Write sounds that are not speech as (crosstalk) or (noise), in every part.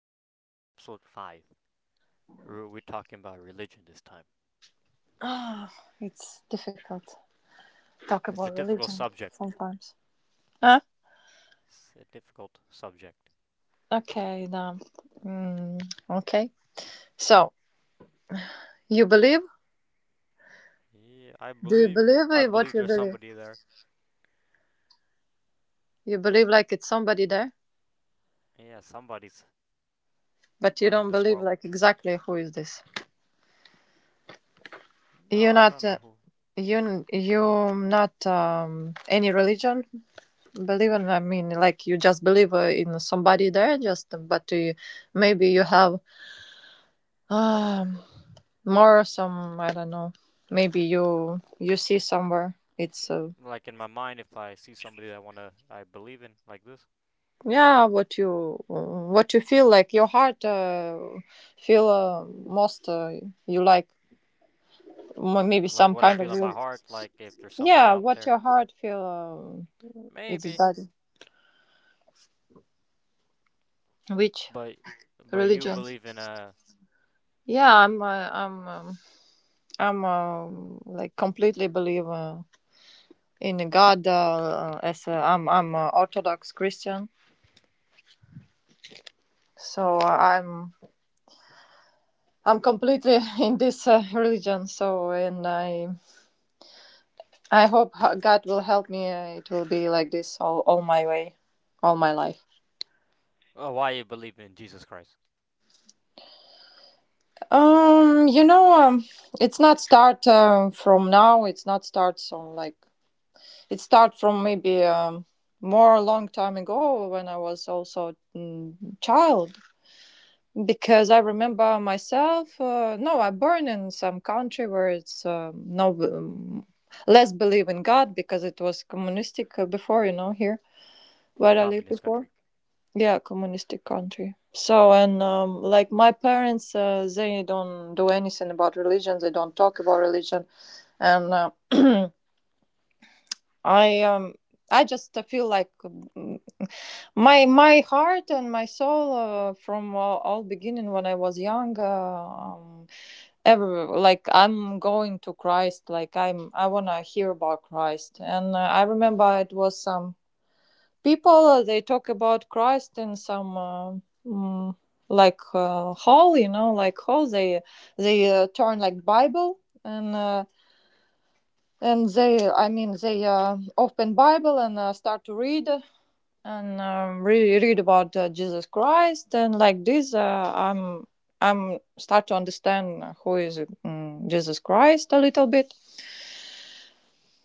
Podcast, Episode 5. We're talking about religion this time. Ah, it's difficult to talk It's a about difficult religion subject. sometimes. Huh? It's a difficult subject. Okay, now. Mm, okay. So, you believe? Yeah, I Do you believe. believe I in what believe you there's believe? somebody there. You believe like it's somebody there, Yeah, somebody's but you running don't this believe world. like exactly who is this. No, You're I not. don't know Uh, who. you you not any religion believe in, like you just believe in somebody there, just but you, maybe you have um more some, I don't know, maybe you see somewhere it's Like in my mind, if I see somebody that I wanna, I believe in, like this, yeah, what you feel like your heart feel most you like maybe like some what I kind of feel in my heart, like if there's somebody yeah, out what there, your heart feel, it's maybe. better, which But, but you religion. believe in a. Yeah I'm Like completely believe in God, as a, I'm a orthodox christian, so I'm completely (laughs) in this religion. So and I hope God will help me. It will be like this all my way, all my life. Oh, why you believe in Jesus Christ You know, it's not start from now. It's not start from like, it start from maybe more long time ago when I was also child. Because I remember myself, no, I born in some country where it's no less believe in God because it was communistic before, you know, here in where I lived communist before. country? Yeah, communistic country. So and like my parents, they don't do anything about religion. They don't talk about religion, and (clears throat) I um I just feel like, my heart and my soul, from all beginning when I was young. Ever like I'm going to Christ, like I'm, I want to hear about Christ. And I remember it was some people, they talk about Christ in some mm, like hall, you know, like hall they, turn like Bible. And and they I mean they open Bible and start to read. And really read about Jesus Christ. And like this I'm start to understand who is Jesus Christ a little bit.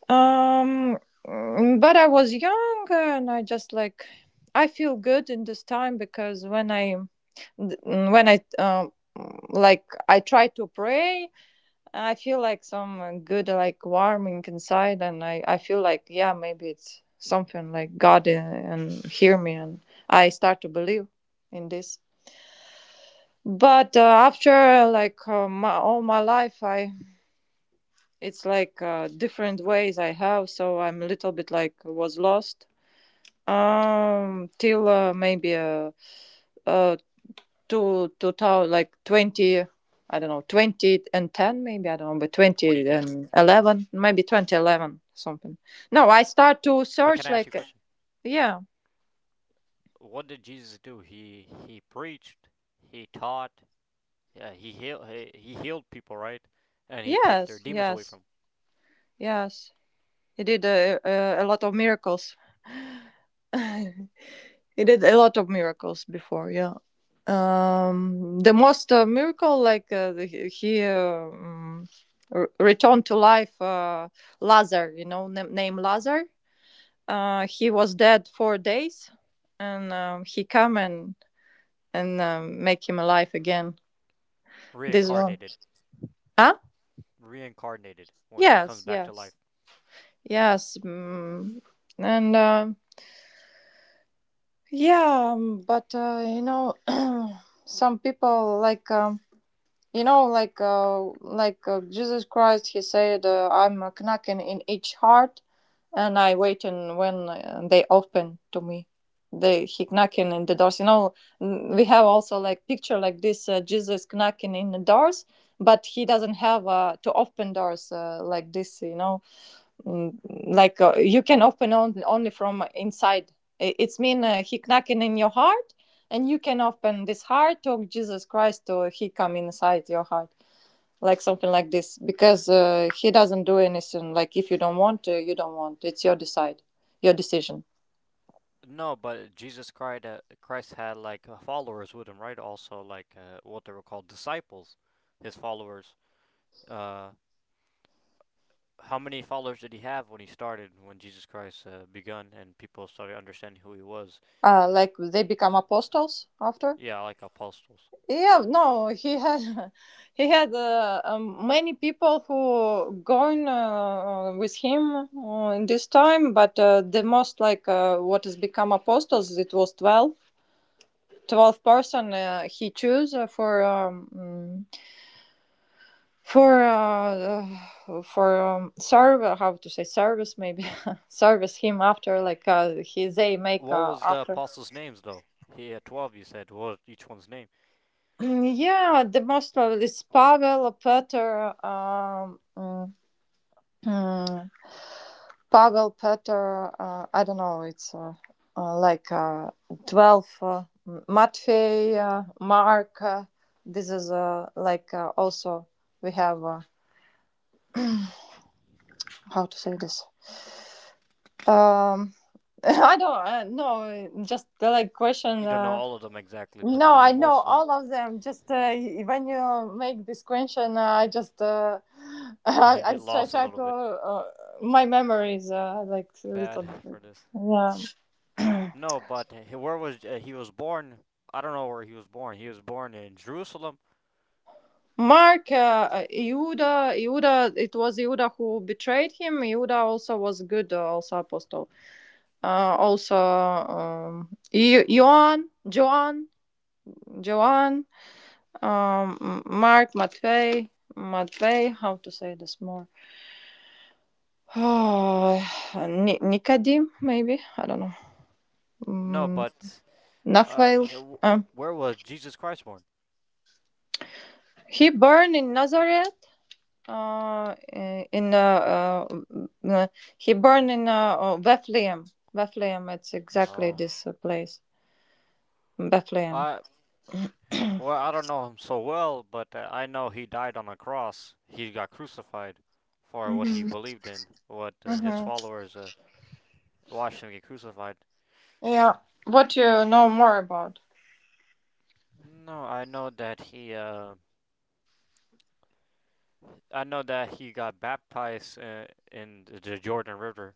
um but I was young and I just like, I feel good in this time, because when I like I try to pray, I feel like some good like warming inside. And I feel like, yeah, maybe it's something like God and hear me. And I start to believe in this. But after like my, all my life, I it's like different ways I have, so I'm a little bit like was lost till maybe uh to tell like 20, I don't know, 20 and 10 maybe, I don't know, but 20 2010. and 11 maybe, 2011 something. No, I start to But can search I ask you a like, question? yeah. What did Jesus do? He preached, he taught, he healed he healed people, right? And he take their Yes, demons away yes, from 'em. yes, he did a lot of miracles. (laughs) He did a lot of miracles before, yeah. The most miracle like he uh, um, returned to life Lazar, you know, name Lazar. He was dead 4 days, and he come and make him alive again. This one, Reincarnated, huh? reincarnated when it comes Yes, back to life. yes, yes. Mm, and yeah. But You know, (clears throat) some people like. You know, like Jesus Christ, he said, "I'm a knocking in each heart, and I waiting when they open to me." They, he knocking in the doors. You know, we have also like picture like this Jesus knocking in the doors, but he doesn't have to open doors like this. You know, Mm, like you can open on, only from inside. It's mean he knocking in your heart, and you can open this heart to Jesus Christ, or he come inside your heart, like something like this. Because he doesn't do anything, like if you don't want to, you don't want it's your decide your decision. No, but Jesus Christ Christ had like followers with him, right? Also like what they were called disciples, his followers. Uh, how many followers did he have when he started when Jesus Christ begun and people started understanding who he was? Like they become apostles after. Yeah, like apostles. Yeah, no, he had (laughs) he had many people who going with him in this time, but the most like what has become apostles, it was 12. 12 person he chose for mm, for uh, for serve, how to say, service maybe, (laughs) service him after, like he they make What was the after. apostles' names though? He had 12. You said what was each one's name? Yeah, the most probably is Pavel, Peter, Mm, Pavel, Peter, I don't know, it's uh, like uh, 12, Matvey, Mark. This is also we have, how to say this? Um, (laughs) I don't know, just like You question. don't know all of them exactly, but you No, know I know most of them. all of them. Just when you make this question, I just (laughs) (laughs) Get I lost a try little to, bit. My memory is like a little Bad bit. for this. Yeah. (clears throat) No, but where was he was born? I don't know where he was born. He was born in Jerusalem. Mark, Yehuda, Yehuda, it was Yehuda who betrayed him. Yehuda also was good, also apostle. Joan, Joan, Mark, Matvey, Matvey, how to say this more? (sighs) Oh, Nicodim, maybe? I don't know. No, Mm, but Nathanael. Um, where was Jesus Christ born? he burned in Nazareth, uh, i- in uh, uh, m- uh, he born in Bethlehem. Bethlehem, it's exactly Oh, this place, Bethlehem. I well I don't know him so well, but I know he died on a cross. He got crucified for what he Mm-hmm. believed in, what his Mm-hmm. followers watched him get crucified. Yeah. What you know more about? No, I know that he, I know that he got baptized in the Jordan River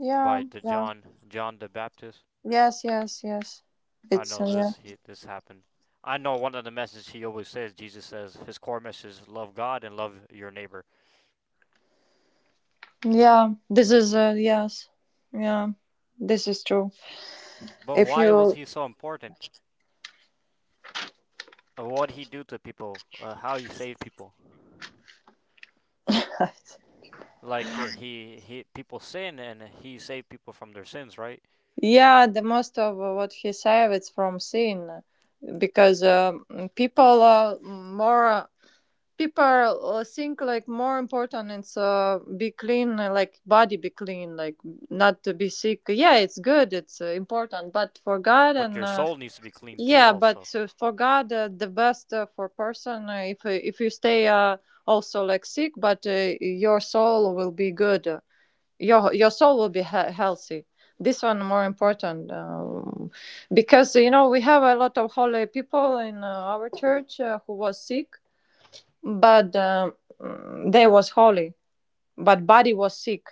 Yeah. by the Yeah. John the Baptist. Yes. Yes. Yes. I It's know yeah. this he this happened. I know one of the messages he always says Jesus says his core message is love God and love your neighbor. Yeah. This is yes. Yeah. This is true. But If why was you he so important? What he do to people? How he saved people? (laughs) Like he people sin and he saved people from their sins, right? yeah, the most of what he said it's from sin, because people are more. People think like more important it's be clean, like body be clean, like not to be sick. Yeah, it's good, it's important, but for God. But And your soul needs to be clean too yeah, but also. For God, the best for person, if you stay also like sick, but your soul will be good, your soul will be healthy. This one more important, because you know we have a lot of holy people in our church who was sick, but they was holy. But body was sick.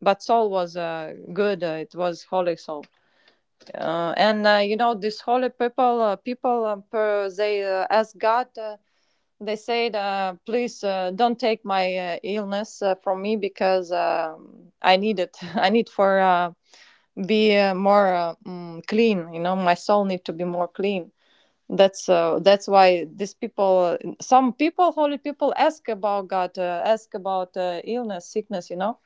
But soul was good. It was holy soul. And you know this holy people. People they ask God. They said, "Please don't take my illness from me, because I need it. (laughs) I need for be clean. You know, my soul need to be more clean." That's that's why these people, some people, holy people, ask about God, ask about illness, sickness, you know.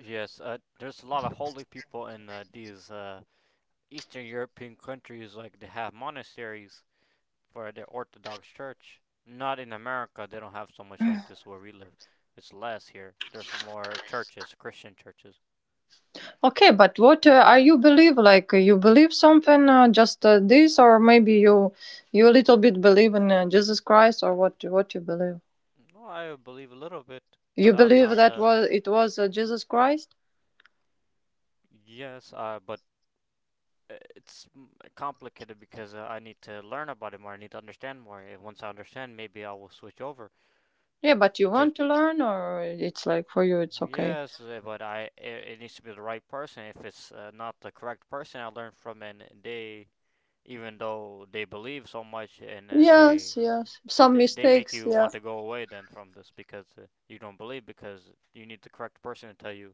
Yes, there's a lot of holy people in these Eastern European countries. Like they have monasteries for their Orthodox Church. Not in America, they don't have so much like this where we live. It's less here. There's more churches, Christian churches. Okay, but what are you believe, like you believe something just this, or maybe you a little bit believe in Jesus Christ, or what you believe? No, I believe a little bit, You but I'm believe not. that was, it was Jesus Christ? Yes, but uh, it's mm, complicated because I need to learn about it more. I need to understand more. And once I understand, maybe I will switch over Yeah, but you to. want to learn, or it's like for you it's okay? Yes, but I it, it needs to be the right person. If it's not the correct person, I learned from and they even though they believe so much and Yes, yes, some they make mistakes, you yeah. want to go away then from this because you don't believe because you need the correct person to tell you,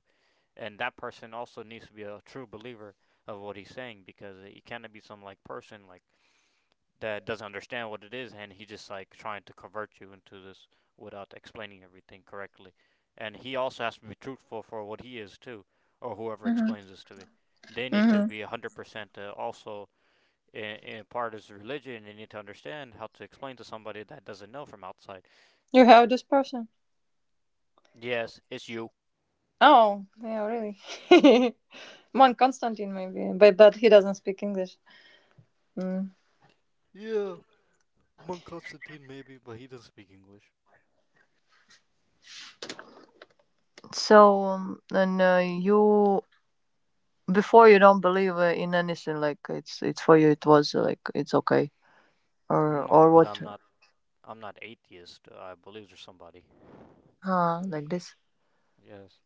and that person also needs to be a true believer of what he's saying, because it cannot be some like person like that doesn't understand what it is, and he just like trying to convert you into this without explaining everything correctly. And he also has to be truthful for what he is too, or whoever Hmm. explains this to me. They need to Hmm. be 100% also in part is religion. They need to understand how to explain to somebody that doesn't know from outside. You have this person? Yes, it's you. Oh, yeah, really. (laughs) Mon Constantine, maybe, but he doesn't speak English. Mm. Yeah, Monk Constantine maybe, but he doesn't speak English. So, and you, before you don't believe in anything, like it's for you it was like it's okay, No, or but what? I'm not. I'm not atheist. I believe there's somebody. Huh, like this. Yes.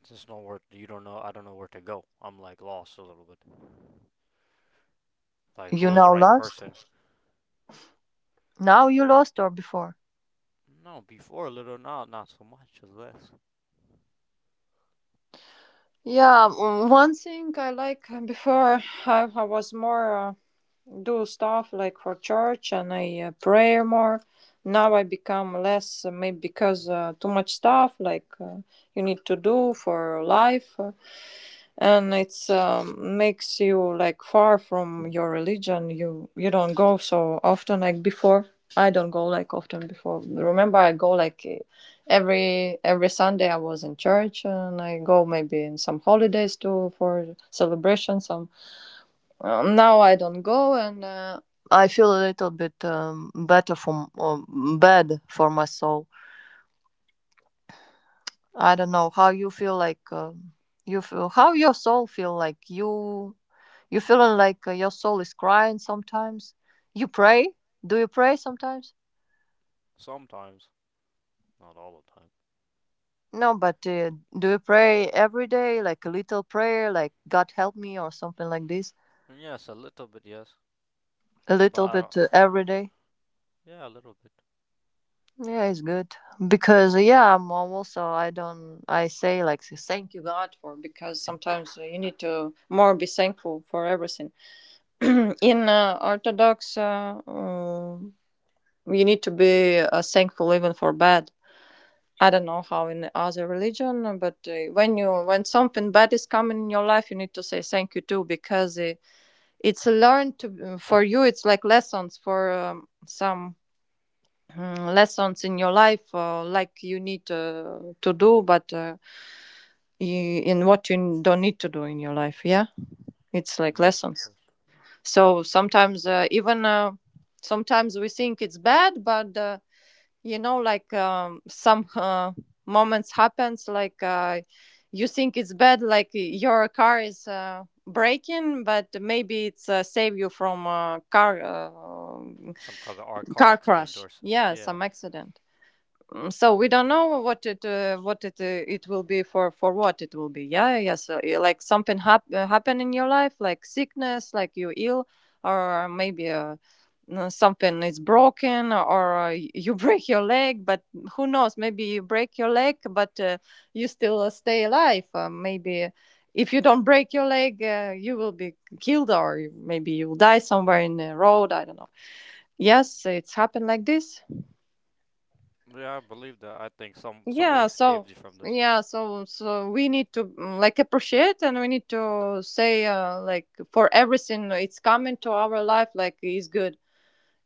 It's just not where you don't know. I don't know where to go. I'm like lost a little bit. Like You who's the now right lost. person? Now you lost, or before? No, before a little, now, not so much as less. Yeah, one thing I like, before I was more. Do stuff like for church, and I pray more. Now I become less, maybe because too much stuff, like you need to do for life, and it's makes you like far from your religion. You don't go so often like before. I don't go like often before. Remember I go like every Sunday I was in church, and I go maybe in some holidays too for celebration, some now I don't go. And I feel a little bit better from bad for my soul. I don't know how you feel, like you feel how your soul feel, like you feeling like your soul is crying sometimes. You pray? Do you pray sometimes? Sometimes, not all the time. No, but do you pray every day, like a little prayer like, God help me, or something like this? Yes, a little bit, yes, A but little I don't. bit every day. Yeah, a little bit. Yeah, it's good, because yeah, I'm also, I don't, I say like, thank you God for, because sometimes you need to more be thankful for everything. (clears throat) In Orthodox, you need to be thankful even for bad. I don't know how in other religion, but when you when something bad is coming in your life, you need to say thank you too, because it's learned to for you. It's like lessons for lessons in your life, like you need to do, but in what you don't need to do in your life, yeah, it's like Yes, of lessons. course. So sometimes, even sometimes we think it's bad, but you know like some moments happens, like you think it's bad, like your car is breaking, but maybe it's save you from Some kind of or car car accident crash, or some. yeah, Yeah, some accident. Mm, so we don't know what it it will be, for what it will be. Yeah, yes, yeah, like something happen in your life, like sickness, like you ill, or maybe something is broken, or (laughs) you break your leg. But who knows? Maybe you break your leg, but you still stay alive. Maybe if you don't break your leg, you will be killed, or maybe you'll die somewhere in the road. I don't know. Yes, it's happened like this. yeah, I believe that. I think some somebody yeah saved you so from this. so we need to like appreciate, and we need to say, like for everything it's coming to our life, like is good.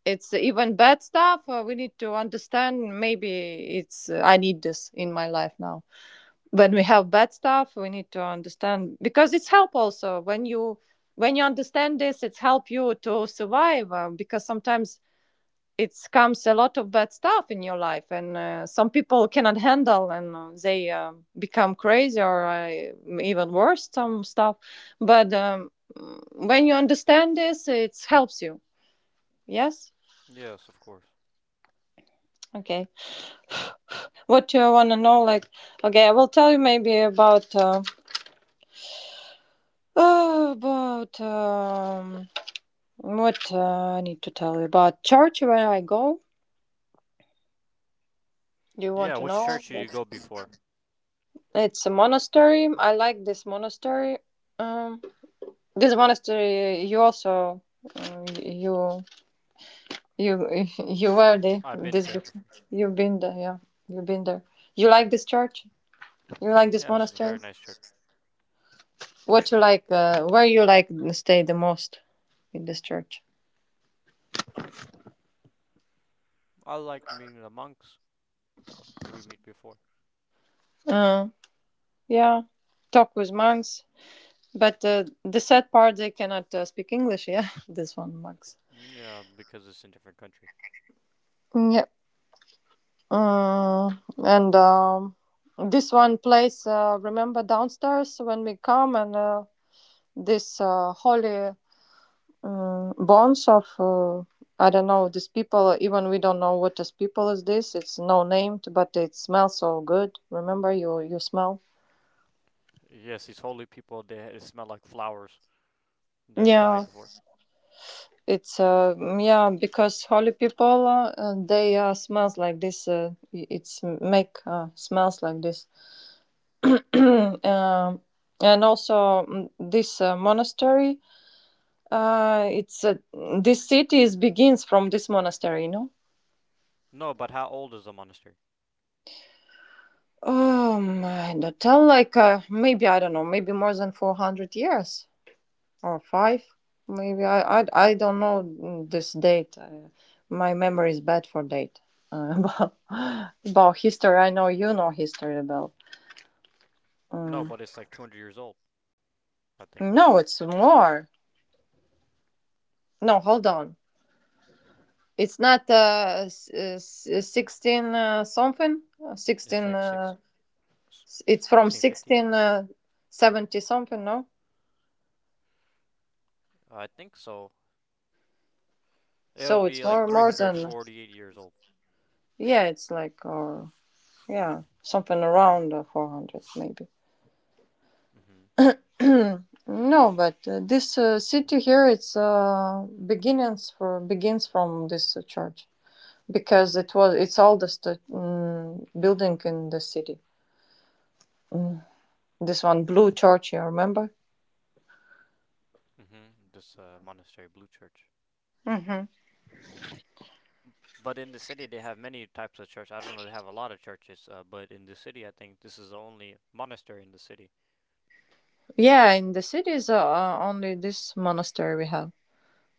It's even bad stuff, we need to understand maybe it's I need this in my life now. When we have bad stuff, we need to understand, because it's help, also when you understand this, it's help you to survive, because sometimes it comes a lot of bad stuff in your life, and some people cannot handle, and they become crazy, or even worse some stuff. But when you understand this, it helps you. Yes. Yes, of course. Okay, what you want to know, like? Okay, I will tell you maybe about what, I need to tell you about church where I go. Do you want Yeah, to which know? church did you go before? It's a monastery, I like this monastery. um This monastery, you also, you you (laughs) you were there. I've been This there before. before. You've been there, yeah. You've been there. You like this church? You like Mm, this yeah, it's a monastery? very nice church. What you like? Where you like stay the most in this church? I like meeting the monks we meet before. Uh, yeah, talk with monks. But the sad part, they cannot speak English. Yeah, (laughs) this one monks. Yeah, because it's in different country. Yeah. Uh, and This one place. Remember downstairs when we come and. This holy bonds of I don't know these people. Even we don't know what this people is. This it's no named, but it smells so good. Remember, you smell. Yes, these holy people they it smell like flowers that died Yeah, before. it's yeah because holy people they smells like this. It's make smells like this. (clears throat) um, and also, this monastery. It's this city is begins from this monastery, you know. No, but how old is the monastery? I don't tell, like, maybe, I don't know, maybe more than 400 years or five. Maybe, I don't know, this date. My memory is bad for date. Uh, (laughs) about, about history, I know you know history about. No, Mm. but it's like 200 years old. I think more No, than. it's more. No, hold on. It's not 16 something? 16, It's like s- it's from 1650. 1670 something, no? I think so. It So would it's be like more than. 348 years old. Yeah, it's like, or yeah, something around 400 maybe. Mhm. (clears throat) No, but this city here, it's beginnings for begins from this church, because it's oldest, building in the city. Mm. This one blue church, you remember? Mhm. This monastery, Blue Church. Hmm. But in the city, they have many types of church. I don't know. They have a lot of churches. But in the city, I think this is the only monastery in the city. Yeah, in the city is only this monastery we have,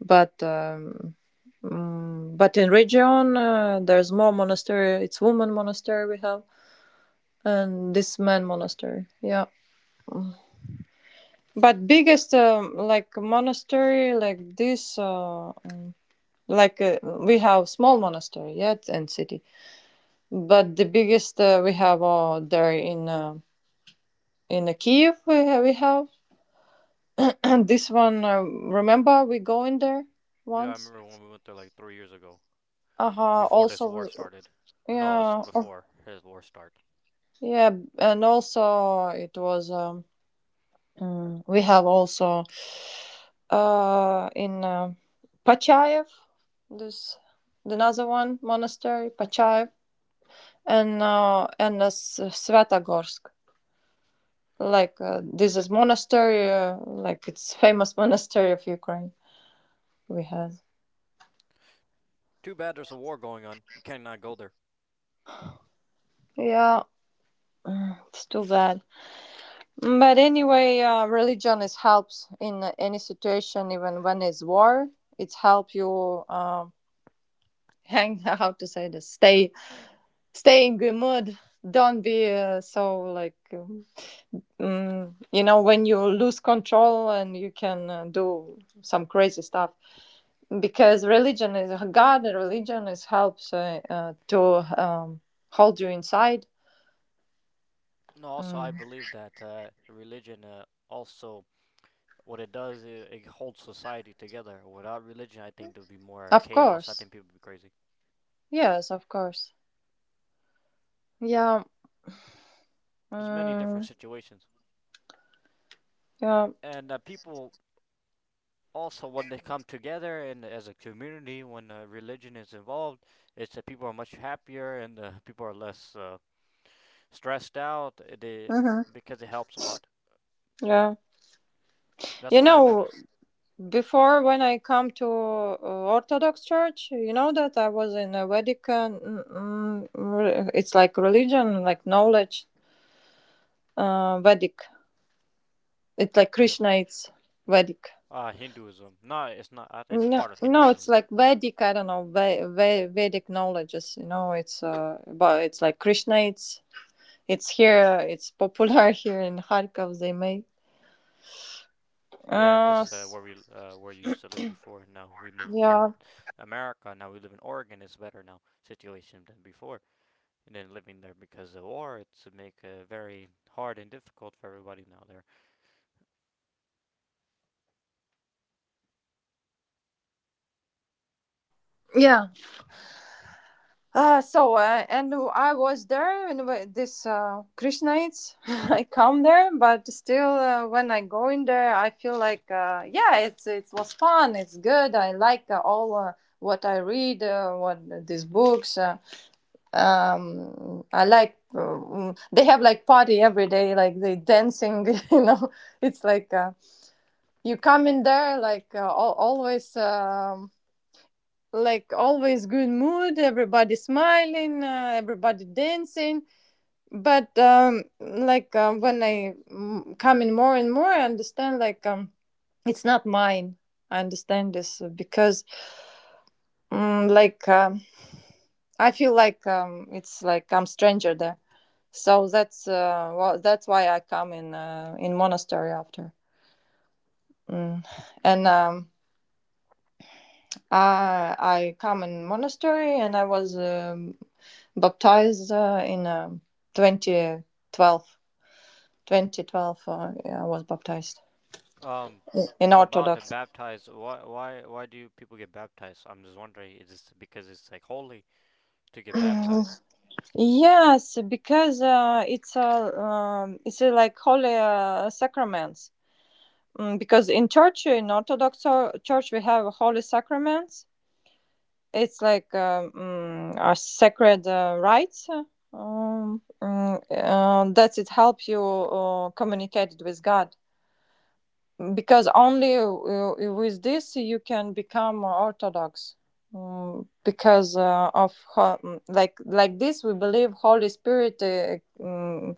but um, but in region, there's more monastery. It's woman monastery we have, and this man monastery, yeah. But biggest, like monastery like this, like uh, we have small monastery yet, yeah, in city. But the biggest, we have there in Kiev. We have. (clears throat) This one, remember we go in there Yeah, I once. remember when we went there like 3 years ago. Uh-huh, Before this war also. started. No, it's Yeah, oh. before his war start. Yeah, and also it was, we have also in Pachayev. This another one monastery, Pachayev, Svetogorsk. Like, this is monastery, like it's famous (laughs) monastery of Ukraine. We have. Too bad there's a war going on. You cannot go there. Yeah, it's too bad. But anyway, religion is helps in any situation, even when it's war. It help you, (laughs) hang, how to say this, stay in good mood. Don't be so like. You know, when you lose control and you can do some crazy stuff. Because religion is God, religion is helps, to hold you inside. No, also I Mm. believe that religion also what it does it, it holds society together. Without religion, I think there'd be more Of chaos. I course. think people would be crazy. Yes, of course. Yeah. There's many different Mm, situations, yeah. and people also when they come together and as a community when religion is involved, it's that people are much happier and people are less stressed out. Hmm. Because it helps a lot. Yeah. That's You what I know, noticed. before when I come to Orthodox Church, you know that I was in a Vedic, it's like religion, like knowledge, Vedic. It's like Yes. Krishna. It's Vedic. Ah, Hinduism. No, it's not. It's No, part of no, it's Hinduism. like Vedic. I don't know Vedic knowledges. You know, it's but it's like Krishna. It's here. It's popular (laughs) here in Kharkov. They make. Yeah, and Uh, this s- where you used to live before. Now we moved to yeah. America. Now we live in Oregon. It's better now situation than before. And then living there because of war, it's make very hard and difficult for everybody now there. Yeah. And I was there, and this Krishnites. (laughs) I come there, but still, when I go in there, I feel like, yeah, it was fun. It's good. I like all what I read, what these books. I like. They have like party every day, like they dancing. (laughs) You know, it's like you come in there like always. Like always good mood, everybody smiling, everybody dancing. But like, when I come in more and more, I understand, like, it's not mine. I understand this, because like, I feel like, it's like I'm stranger there. So that's, well, that's why I come in, monastery after. Mm. And I come in monastery, and I was, baptized in 2012. 2012, yeah, I was baptized Um, in about the Orthodox. baptized, why do people get baptized? I'm just wondering. Is this because it's like holy to get baptized? (clears throat) Yes, because it's a, like holy sacraments. Mm, because in church, in Orthodox church, we have holy sacraments. It's like, our sacred rites. That it helps you communicate with God, because only with this you can become orthodox. Mm, because like this we believe holy spirit, mm,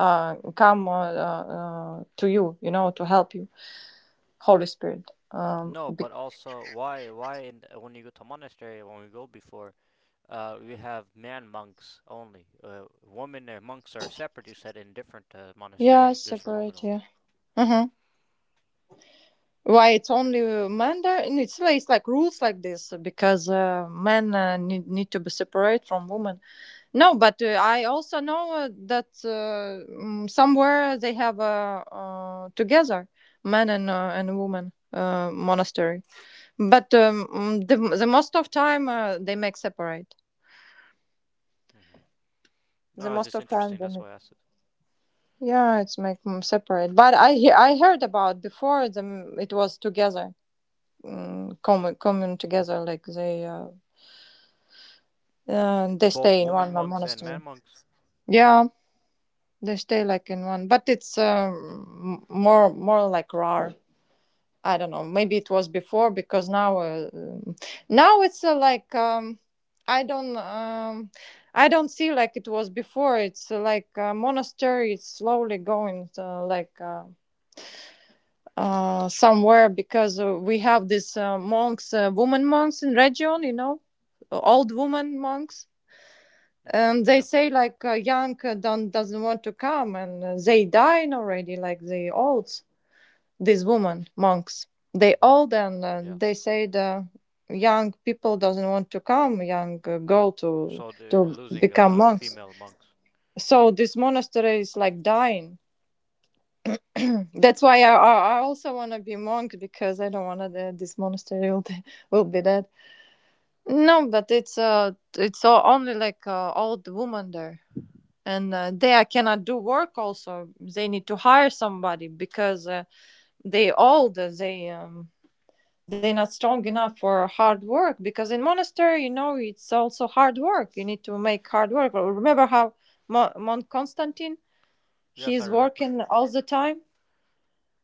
come, to you, you know to help you, holy spirit, No, but also why in, when you go to monastery when we go before, we have man monks only. Women and monks are separate. You said in different yeah, monastery, there's for women separate, only. yeah. uh why it's only men there? And it's, it's like rules like this, because men need to be separate from women. No, but I also know that somewhere they have a together man and woman monastery. But the most of time they make separate. Hmm. The No, it's most just of time interesting. they That's make. why I asked it. Yeah, it's make them separate. But I heard about before, them it was together, common together, like they Both stay in woman one monks and man monastery. monks. Yeah, they stay like in one, but it's, more like rare. I don't know, maybe it was before. Because now, now it's, like, I don't um, I don't see like it was before. It's, like a monastery, it's slowly going, like. Somewhere, because we have these monks, woman monks in region, old woman monks, Hmm. and they Yeah. say like, young don't doesn't want to come, and they dying already, like the old, these women monks. They Hmm. all then, Yeah. they say the young people doesn't want to come, young girl So they're to losing become monks. female monks. So this monastery is like dying. (clears throat) That's why i Hmm. i, also want to be monk, because I don't want to this monastery will be dead. No, but it's, all, only like old woman there. And they, I cannot do work, also they need to hire somebody, because they old, they, they're not strong enough for hard work. Because in monastery, it's also hard work, you need to make hard work. Well, remember how mont Constantine, Yes, I he's remember. working all the time.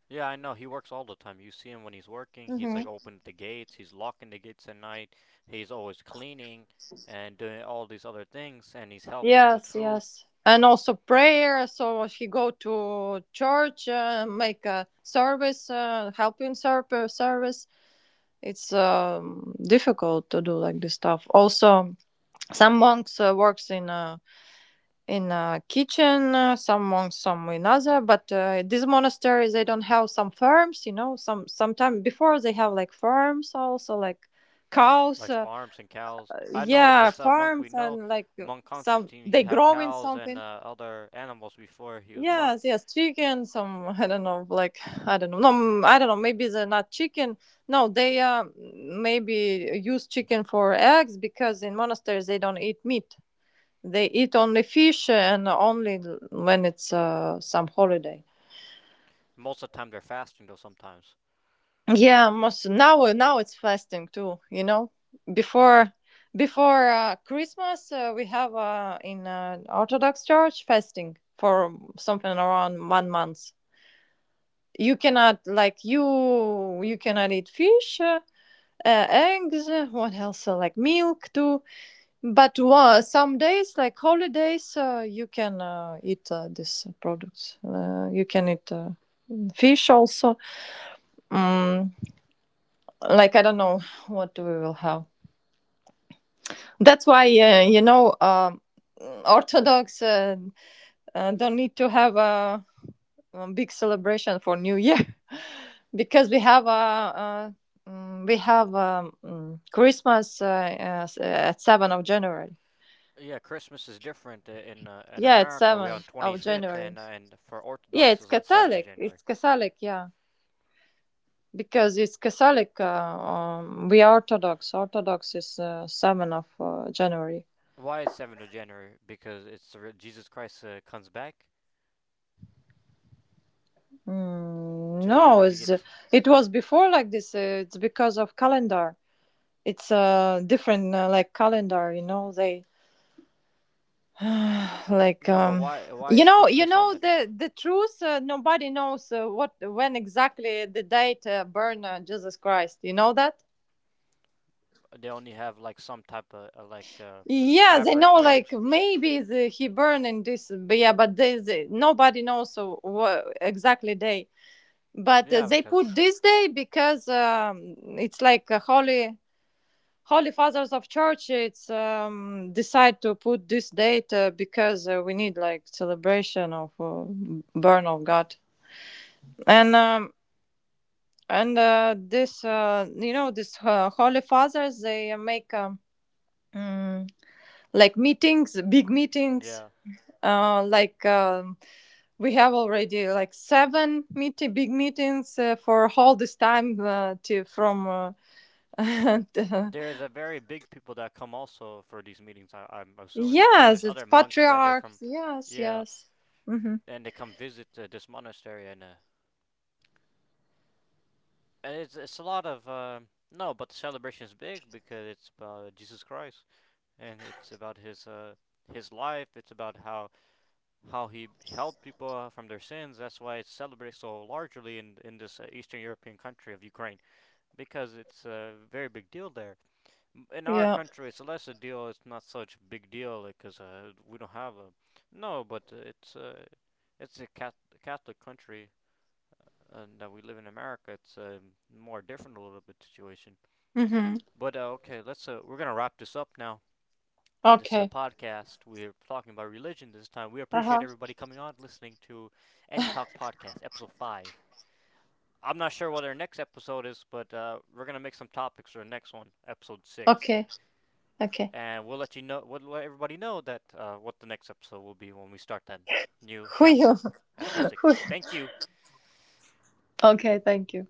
Yeah, I know. He works all the time. You see him when he's working. He's Hmm. like opening the gates. He's locking the gates at night. He's always cleaning and doing all these other things. And he's helping with Yes, food, yes, and also prayer, so he go to church, make a service, service. It's, difficult to do like this stuff. Also some monks works in, a kitchen, some monk, some another. But these monasteries, they don't have some farms, you know. Sometime before they have like farms also, like cows. like farms and cows. I know Yeah, this monk we farms know, and like Monk some Constantine. He they have growing cows and something. Other animals before he was monk. Yes, yes, chicken. Some (laughs) I don't know, like, I don't know. No, I don't know. Maybe they're not chicken. No, they maybe use chicken for eggs, because in monasteries they don't eat meat. They eat only fish, and only when it's some holiday. Most of the time they're fasting though. Sometimes. Yeah, most now it's fasting too. You know, before before Christmas we have in Orthodox Church fasting for something around one month. You cannot like, you cannot eat fish, eggs. What else? Like milk too. But some days, like holidays, you can eat these products. You can eat fish also. Mm, like I don't know what we will have. That's why, Orthodox, don't need to have a, big celebration for New Year, (laughs) because we have Christmas, at 7 of January. Yeah, Christmas is different in Yeah, it's America. We are on 7 of 25th, January. and for Yeah, Orthodox it's is on 7th of Catholic. January. It's Catholic, yeah. Because it's Catholic, we are Orthodox. Orthodox is 7 of January. Why it's 7th of January? Because it's the Jesus Christ comes back Mm, to no, or he gets. it was before like this. It's because of calendar. It's, different, like calendar, you know, they (sighs) like No, but why is Christmas on that day? the truth, nobody knows, what when exactly the date burn Jesus Christ, you know that. They only have like some type of Yes, I know. average Like range. maybe the, he burned in this, but yeah, but there's nobody knows so exactly day. But Yeah, they put because. this day because, it's like a holy fathers of church. It's decide to put this date, because we need like celebration of burn of God. And this, holy fathers, they make, mm, like meetings, big meetings, Yeah, like, we have already like 7 meetings big meetings, for all this time, to from, (laughs) and, there's a very big people that come also for these meetings. I'm assuming because there's yes, it's other monks that are patriarchs. from. Yes, Yeah, yes. Hmm. and they come visit this monastery and it's a lot of no, but the celebration is big because it's about Jesus Christ. And it's about his life. It's about how he helped people from their sins. That's why it's celebrated so largely in this Eastern European country of Ukraine because it's a very big deal there. In our Yeah. country, it's less a deal. It's not such a big deal because we don't have a no, but it's a Catholic country, and that we live in America. It's a more different a little bit situation. Hmm. But okay, let's we're gonna wrap this up now. This Okay. podcast. We're talking about religion this time. We appreciate Uh-huh. everybody coming on, listening to Any Talk Podcast, episode 5. I'm not sure what our next episode is, but we're going to make some topics for the next one, episode 6. Okay, okay. And we'll let you know, we'll let everybody know that what the next episode will be when we start that new who you chapter, episode (laughs) who? 6. Thank you. Okay, thank you.